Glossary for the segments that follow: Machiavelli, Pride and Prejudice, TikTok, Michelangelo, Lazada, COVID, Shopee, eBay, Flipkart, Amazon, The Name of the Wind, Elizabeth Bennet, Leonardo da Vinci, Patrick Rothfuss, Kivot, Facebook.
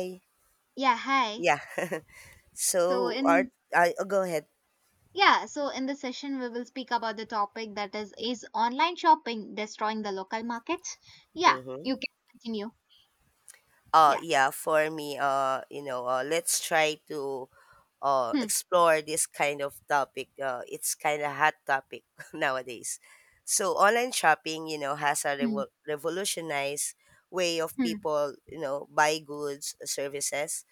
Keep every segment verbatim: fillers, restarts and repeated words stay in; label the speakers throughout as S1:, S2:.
S1: I-
S2: Yeah, hi.
S1: yeah.
S2: So
S1: so art.
S2: in
S1: I oh, go ahead.
S2: yeah, so in this session we will speak about the topic that is is online shopping destroying the local markets? Yeah,
S1: Mm-hmm.
S2: you can continue.
S1: Uh
S2: Yeah.
S1: yeah. For me, uh, you know, uh, let's try to uh
S2: Hmm.
S1: explore this kind of topic. Uh, it's kind of hot topic nowadays. So online shopping, you know, has a
S2: Hmm.
S1: revo- revolutionized way of
S2: Hmm.
S1: people, you know, buy goods, services,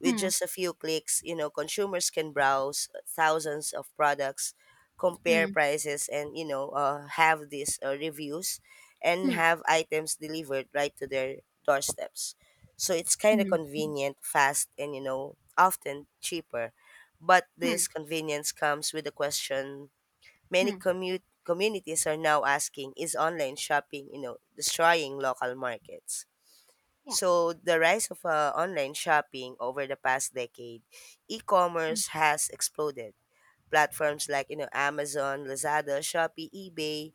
S1: with
S2: Hmm.
S1: just a few clicks, you know, consumers can browse thousands of products, compare
S2: Hmm.
S1: prices, and you know, uh, have these uh, reviews, and
S2: Hmm.
S1: have items delivered right to their doorsteps. So it's kind of
S2: Hmm.
S1: convenient, fast, and you know, often cheaper. But
S2: Hmm.
S1: this
S2: Hmm.
S1: convenience comes with the question many
S2: Hmm.
S1: commute communities are now asking: is online shopping, you know, destroying local markets?
S2: Yeah.
S1: So the rise of uh, online shopping over the past decade,
S2: Hmm.
S1: e-commerce has exploded. Platforms like you know Amazon, Lazada, Shopee, eBay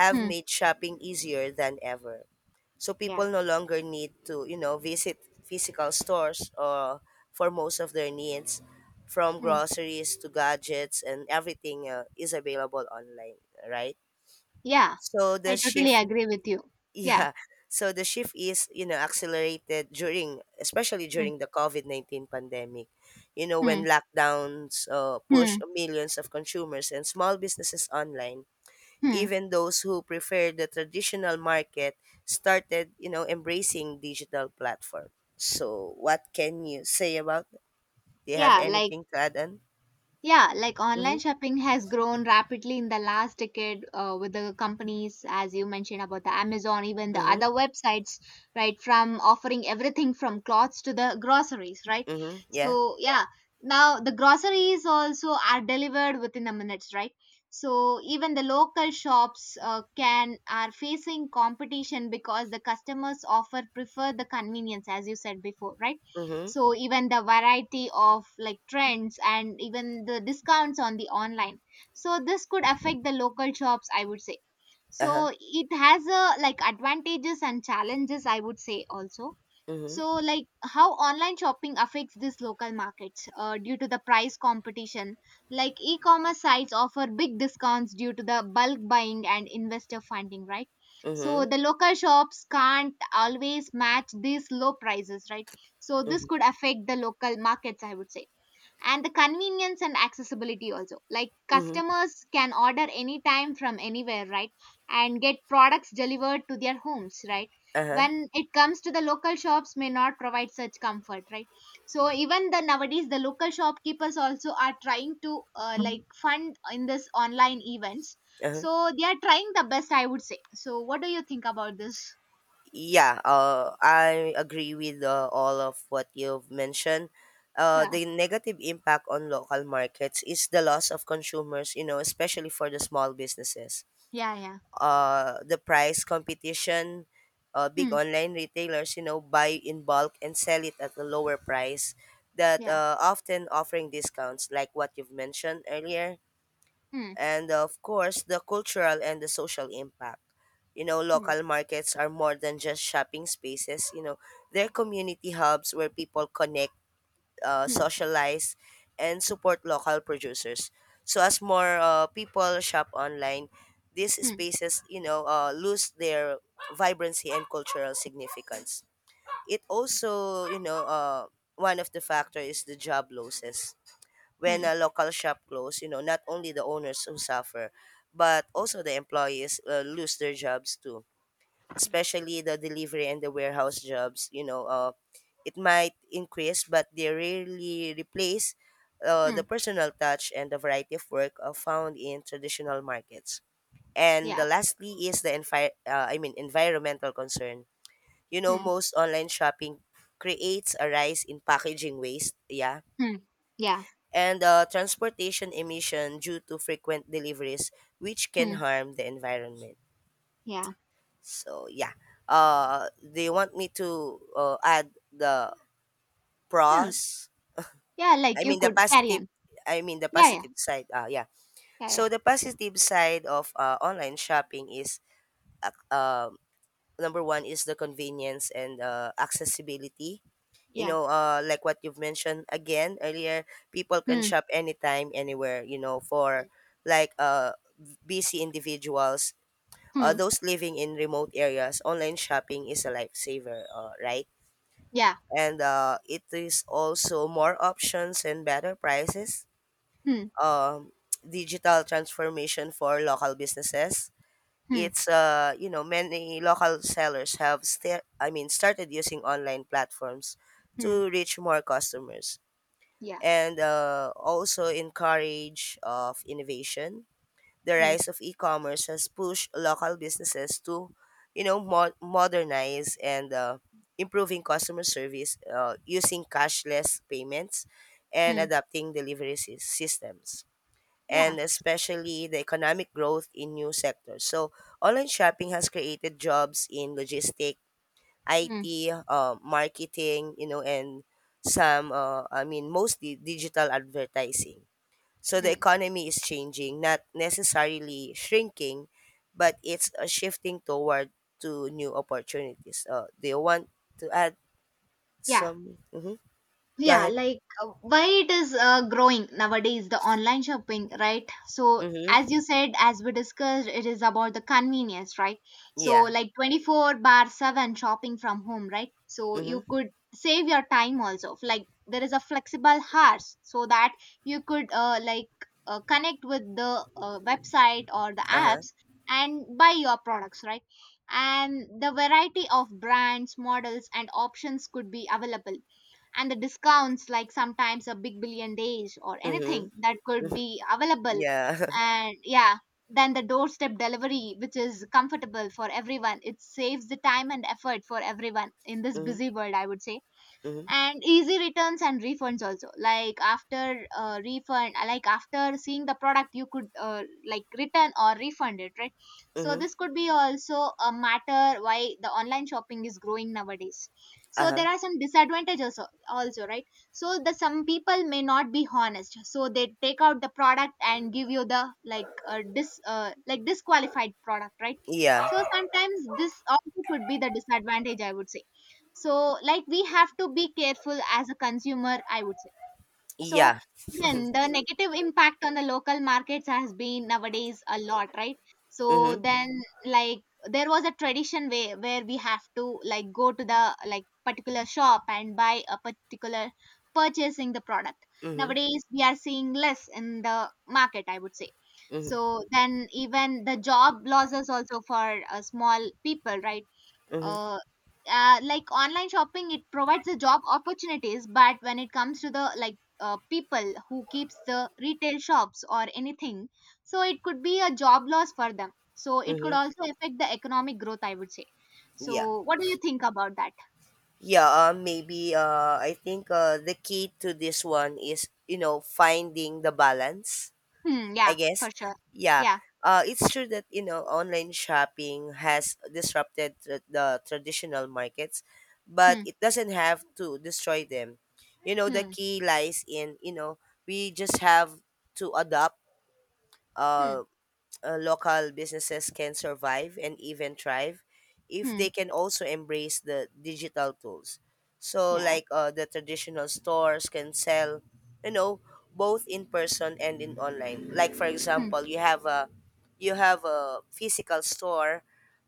S1: have
S2: Hmm.
S1: made shopping easier than ever. So
S2: Yeah.
S1: people no longer need to you know visit physical stores or for most of their needs, from
S2: Hmm.
S1: groceries to gadgets and everything uh, is available online, right?
S2: Yeah.
S1: So
S2: I
S1: the
S2: totally
S1: shift
S2: agree with you. Yeah.
S1: yeah. So the shift is, you know, accelerated during, especially
S2: Hmm.
S1: during the COVID nineteen pandemic, you know,
S2: Hmm.
S1: when lockdowns uh, push
S2: Hmm.
S1: millions of consumers and small businesses online.
S2: Hmm.
S1: Even those who prefer the traditional market started, you know, embracing digital platform. So what can you say about that? Do you have
S2: Yeah, like
S1: anything to add on?
S2: Yeah, like online
S1: Mm-hmm.
S2: shopping has grown rapidly in the last decade uh, with the companies, as you mentioned about the Amazon, even the other
S1: Mm-hmm.
S2: websites, right? From offering everything from clothes to the groceries, right?
S1: Mm-hmm. Yeah.
S2: So, yeah, now the groceries also are delivered within the minutes, right? So, even the local shops uh, can are facing competition because the customers offer prefer the convenience, as you said before, right?
S1: Mm-hmm.
S2: So even the variety of like trends and even the discounts on the online, so this could affect the local shops, I would say.
S1: Uh-huh.
S2: So it has, a like, advantages and challenges, I would say also. So
S1: Mm-hmm.
S2: like how online shopping affects these local markets, uh, due to the price competition, like e-commerce sites offer big discounts due to the bulk buying and investor funding, right? So
S1: Mm-hmm.
S2: the local shops can't always match these low prices, right? So this
S1: Mm-hmm.
S2: could affect the local markets, I would say. And the convenience and accessibility also, like
S1: Mm-hmm.
S2: customers can order anytime from anywhere, right? And get products delivered to their homes, right?
S1: Uh-huh.
S2: When it comes to the local shops, may not provide such comfort, right? So even the nowadays the local shopkeepers also are trying to, uh, like, fund in this online events,
S1: Uh-huh.
S2: so they are trying the best, I would say. So what do you think about this?
S1: Yeah, uh, I agree with uh, all of what you've mentioned. Uh,
S2: Yeah.
S1: the negative impact on local markets is the loss of consumers, you know, especially for the small businesses.
S2: Yeah, yeah.
S1: Uh, the price competition, uh, big
S2: Hmm.
S1: online retailers, you know, buy in bulk and sell it at a lower price that
S2: Yeah.
S1: uh, often offering discounts like what you've mentioned earlier,
S2: Hmm.
S1: and uh, of course the cultural and the social impact. You know,
S2: Hmm.
S1: local markets are more than just shopping spaces, you know, they're community hubs where people connect, uh,
S2: Hmm.
S1: socialize, and support local producers. So as more uh, people shop online, these
S2: Hmm.
S1: spaces, you know uh, lose their vibrancy and cultural significance. It also you know uh, one of the factor is the job losses. When
S2: Hmm.
S1: a local shop closes, you know, not only the owners who suffer, but
S2: Hmm.
S1: also the employees uh, lose their jobs too,
S2: Hmm.
S1: especially the delivery and the warehouse jobs. You know, uh, it might increase, but they rarely replace uh,
S2: Hmm.
S1: the personal touch and the variety of work uh, found in traditional markets. And the
S2: Yeah.
S1: lastly is the envi- uh, I mean environmental concern. You know,
S2: Hmm.
S1: most online shopping creates a rise in packaging waste. Yeah,
S2: Hmm. Yeah.
S1: and uh, transportation emission due to frequent deliveries, which can
S2: Hmm.
S1: harm the environment.
S2: Yeah.
S1: So yeah, uh, do you want me to uh, add the
S2: No.
S1: pros?
S2: Yeah, like
S1: I
S2: you
S1: mean the
S2: could carry
S1: positive.
S2: on.
S1: I mean the
S2: Yeah, yeah.
S1: positive side. Uh, yeah.
S2: Yeah, yeah.
S1: So the positive side of uh, online shopping is, uh, um number one is the convenience and uh, accessibility, you
S2: Yeah.
S1: know, uh, like what you've mentioned again earlier, people can
S2: Hmm.
S1: shop anytime, anywhere, you know, for like uh, busy individuals, uh,
S2: Hmm.
S1: those living in remote areas, online shopping is a lifesaver, uh, right?
S2: Yeah.
S1: And uh, it is also more options and better prices.
S2: Hmm.
S1: Um, digital transformation for local businesses.
S2: Hmm.
S1: It's uh, you know many local sellers have sta- I mean started using online platforms
S2: Hmm.
S1: to reach more customers,
S2: Yeah.
S1: and uh, also encourage uh, of innovation. The
S2: Hmm.
S1: rise of e-commerce has pushed local businesses to, you know, mo- modernize and uh, improving customer service uh, using cashless payments and
S2: Hmm.
S1: adapting delivery sys- systems.
S2: Yeah.
S1: And especially the economic growth in new sectors. So online shopping has created jobs in logistics,
S2: Hmm.
S1: I T, uh, marketing, you know, and some, uh, I mean, mostly digital advertising. So the
S2: Hmm.
S1: economy is changing, not necessarily shrinking, but it's uh, shifting toward to new opportunities. Uh, do you want to add
S2: Yeah.
S1: some? Mm-hmm. Go
S2: Yeah,
S1: ahead.
S2: like, uh, why it is uh, growing nowadays, the online shopping, right? So as you
S1: Mm-hmm.
S2: said, as we discussed, it is about the convenience, right? So
S1: Yeah.
S2: like twenty four bar seven shopping from home, right? So you
S1: Mm-hmm.
S2: could save your time also, like there is a flexible hours, so that you could, uh, like, uh, connect with the uh, website or the
S1: Uh-huh.
S2: apps and buy your products, right? And the variety of brands, models and options could be available, and the discounts, like sometimes a big billion days or
S1: Mm-hmm.
S2: anything that could
S1: Hmm.
S2: be available.
S1: Yeah.
S2: And yeah, then the doorstep delivery, which is comfortable for everyone, it saves the time and effort for everyone in this busy
S1: Mm-hmm.
S2: world, I would say.
S1: Mm-hmm.
S2: And easy returns and refunds also, like after uh, refund uh, like after seeing the product, you could, uh, like, return or refund it, right? So
S1: Mm-hmm.
S2: this could be also a matter why the online shopping is growing nowadays. So there
S1: Uh-huh.
S2: are some disadvantages, al- also, right? So the some people may not be honest, so they take out the product and give you the, like, uh, dis uh, like, disqualified product, right?
S1: Yeah.
S2: So sometimes this also could be the disadvantage, I would say. So like we have to be careful as a consumer, I would say. So
S1: Yeah.
S2: then the negative impact on the local markets has been nowadays a lot, right? So
S1: Mm-hmm.
S2: then, like, there was a tradition way where we have to, like, go to the, like, particular shop and buy a particular, purchasing the product.
S1: Mm-hmm.
S2: Nowadays we are seeing less in the market, I would say.
S1: Mm-hmm.
S2: So then even the job losses also for uh, small people, right?
S1: Mm-hmm.
S2: uh, uh, like online shopping, it provides the job opportunities, but when it comes to the, like, uh, people who keeps the retail shops or anything, so it could be a job loss for them, so it could
S1: Mm-hmm.
S2: also affect the economic growth, I would say.
S1: Yeah.
S2: So what do you think about that?
S1: Yeah, uh, maybe uh, I think uh, the key to this one is you know finding the balance,
S2: Hmm,
S1: I
S2: yeah, for
S1: guess.
S2: sure.
S1: Yeah,
S2: Yeah.
S1: uh, it's true that you know online shopping has disrupted tr- the traditional markets, but
S2: Hmm.
S1: it doesn't have to destroy them. You know, the
S2: Hmm.
S1: key lies in, you know, we just have to adapt.
S2: Hmm.
S1: uh, uh, Local businesses can survive and even thrive if
S2: Hmm.
S1: they can also embrace the digital tools. So,
S2: Yeah.
S1: like uh, the traditional stores can sell, you know, both in person and in online. Like for
S2: Hmm.
S1: example, you have a you have a physical store,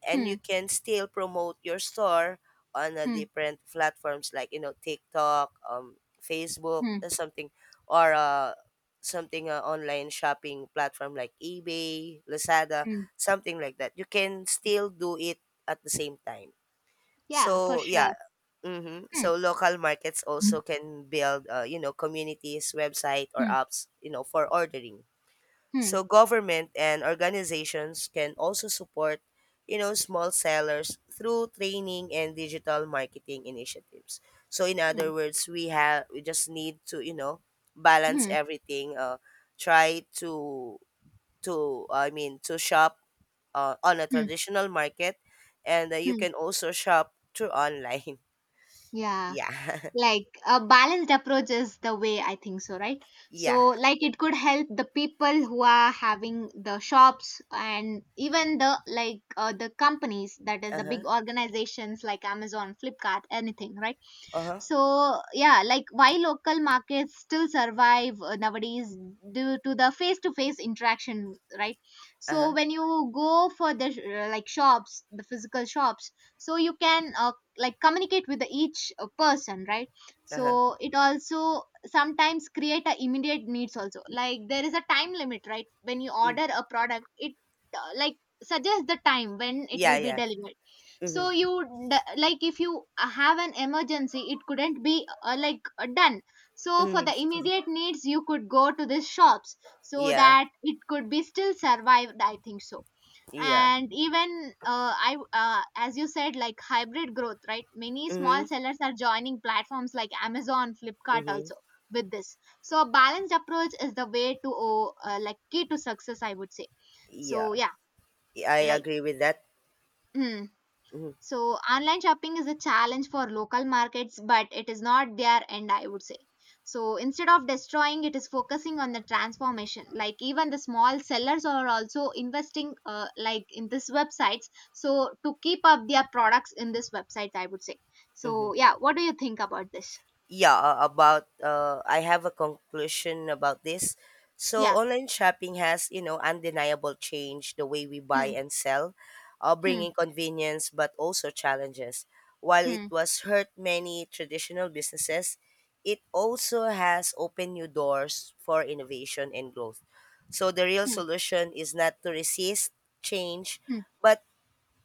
S1: and you
S2: Hmm.
S1: can still promote your store on uh,
S2: Hmm.
S1: different platforms like you know TikTok, um, Facebook,
S2: Hmm.
S1: or something, or uh, something uh, online shopping platform like eBay, Lazada,
S2: Hmm.
S1: something like that. You can still do it at the same time.
S2: Yeah, for
S1: So
S2: sure.
S1: yeah, mm-hmm.
S2: Hmm.
S1: So local markets
S2: Hmm.
S1: also can build, uh, you know, communities, website or
S2: Hmm.
S1: apps you know for ordering.
S2: Hmm.
S1: So government and organizations can also support, you know, small sellers through training and digital marketing initiatives. So in
S2: Hmm.
S1: other words, we have we just need to, you know, balance
S2: Hmm.
S1: everything. Uh, try to to I mean to shop uh, on a traditional market, and uh, you
S2: Hmm.
S1: can also shop through online.
S2: Yeah,
S1: Yeah,
S2: like a balanced approach is the way, I think so, right?
S1: yeah.
S2: So like it could help the people who are having the shops and even the, like, uh, the companies that is
S1: Uh
S2: the
S1: huh.
S2: big organizations like Amazon, Flipkart, anything, right?
S1: Uh huh.
S2: So, yeah, like why local markets still survive uh, nowadays, due to the face to face interaction, right?
S1: Uh
S2: So,
S1: huh.
S2: when you go for the, uh, like, shops, the physical shops, so you can, uh, like, communicate with the each uh, person, right?
S1: Uh huh.
S2: So, it also sometimes create a immediate needs also. Like there is a time limit, right? When you
S1: Mm.
S2: order a product, it, uh, like, suggests the time when it
S1: Yeah.
S2: will be
S1: Yeah.
S2: delivered,
S1: Mm-hmm.
S2: so you d- like, if you uh, have an emergency, it couldn't be, uh, like, uh, done. So for
S1: Mm-hmm.
S2: the immediate needs you could go to these shops so
S1: Yeah.
S2: that it could be still survived, I think so.
S1: Yeah.
S2: And even, uh, i w- uh, as you said, like, hybrid growth, right? Many
S1: Mm-hmm.
S2: small sellers are joining platforms like Amazon, Flipkart
S1: Mm-hmm.
S2: also with this, so a balanced approach is the way to oh, uh, like, key to success, I would say. So
S1: Yeah,
S2: yeah,
S1: I
S2: like,
S1: agree with that.
S2: hmm.
S1: Mm-hmm.
S2: So online shopping is a challenge for local markets, but it is not their end, I would say. So instead of destroying, it is focusing on the transformation. Like even the small sellers are also investing, uh, like, in this websites, so to keep up their products in this websites, I would say.
S1: Mm-hmm.
S2: So yeah, what do you think about this?
S1: Yeah, uh, about uh, I have a conclusion about this. So
S2: Yeah.
S1: online shopping has, you know, undeniable change the way we buy
S2: Hmm.
S1: and sell, uh,
S2: Hmm.
S1: bringing convenience but also challenges. While it
S2: Hmm.
S1: was hurt many traditional businesses, it also has opened new doors for innovation and growth. So the real
S2: Hmm.
S1: solution is not to resist change,
S2: Hmm.
S1: but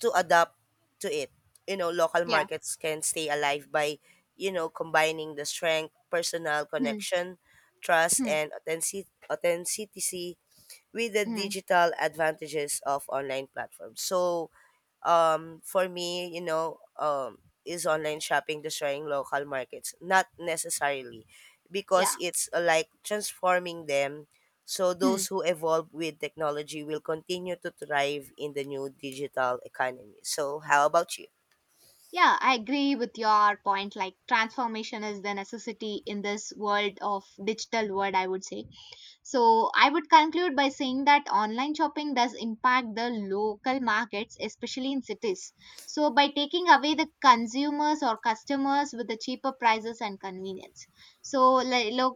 S1: to adapt to it. You know, local
S2: Yeah.
S1: markets can stay alive by, you know, combining the strength, personal
S2: Hmm.
S1: connection, trust,
S2: Hmm.
S1: and authentic- authenticity with the
S2: Hmm. Hmm.
S1: digital advantages of online platforms. So, um for me you know um is online shopping destroying local markets? Not necessarily, because
S2: Yeah.
S1: it's uh, like transforming them. So
S2: Hmm.
S1: those who evolve with technology will continue to thrive in the new digital economy. So how about you?
S2: Yeah, I agree with your point. Like transformation is the necessity in this world of digital world, I would say. So, I would conclude by saying that online shopping does impact the local markets, especially in cities. So, by taking away the consumers or customers with the cheaper prices and convenience. So, like, lo-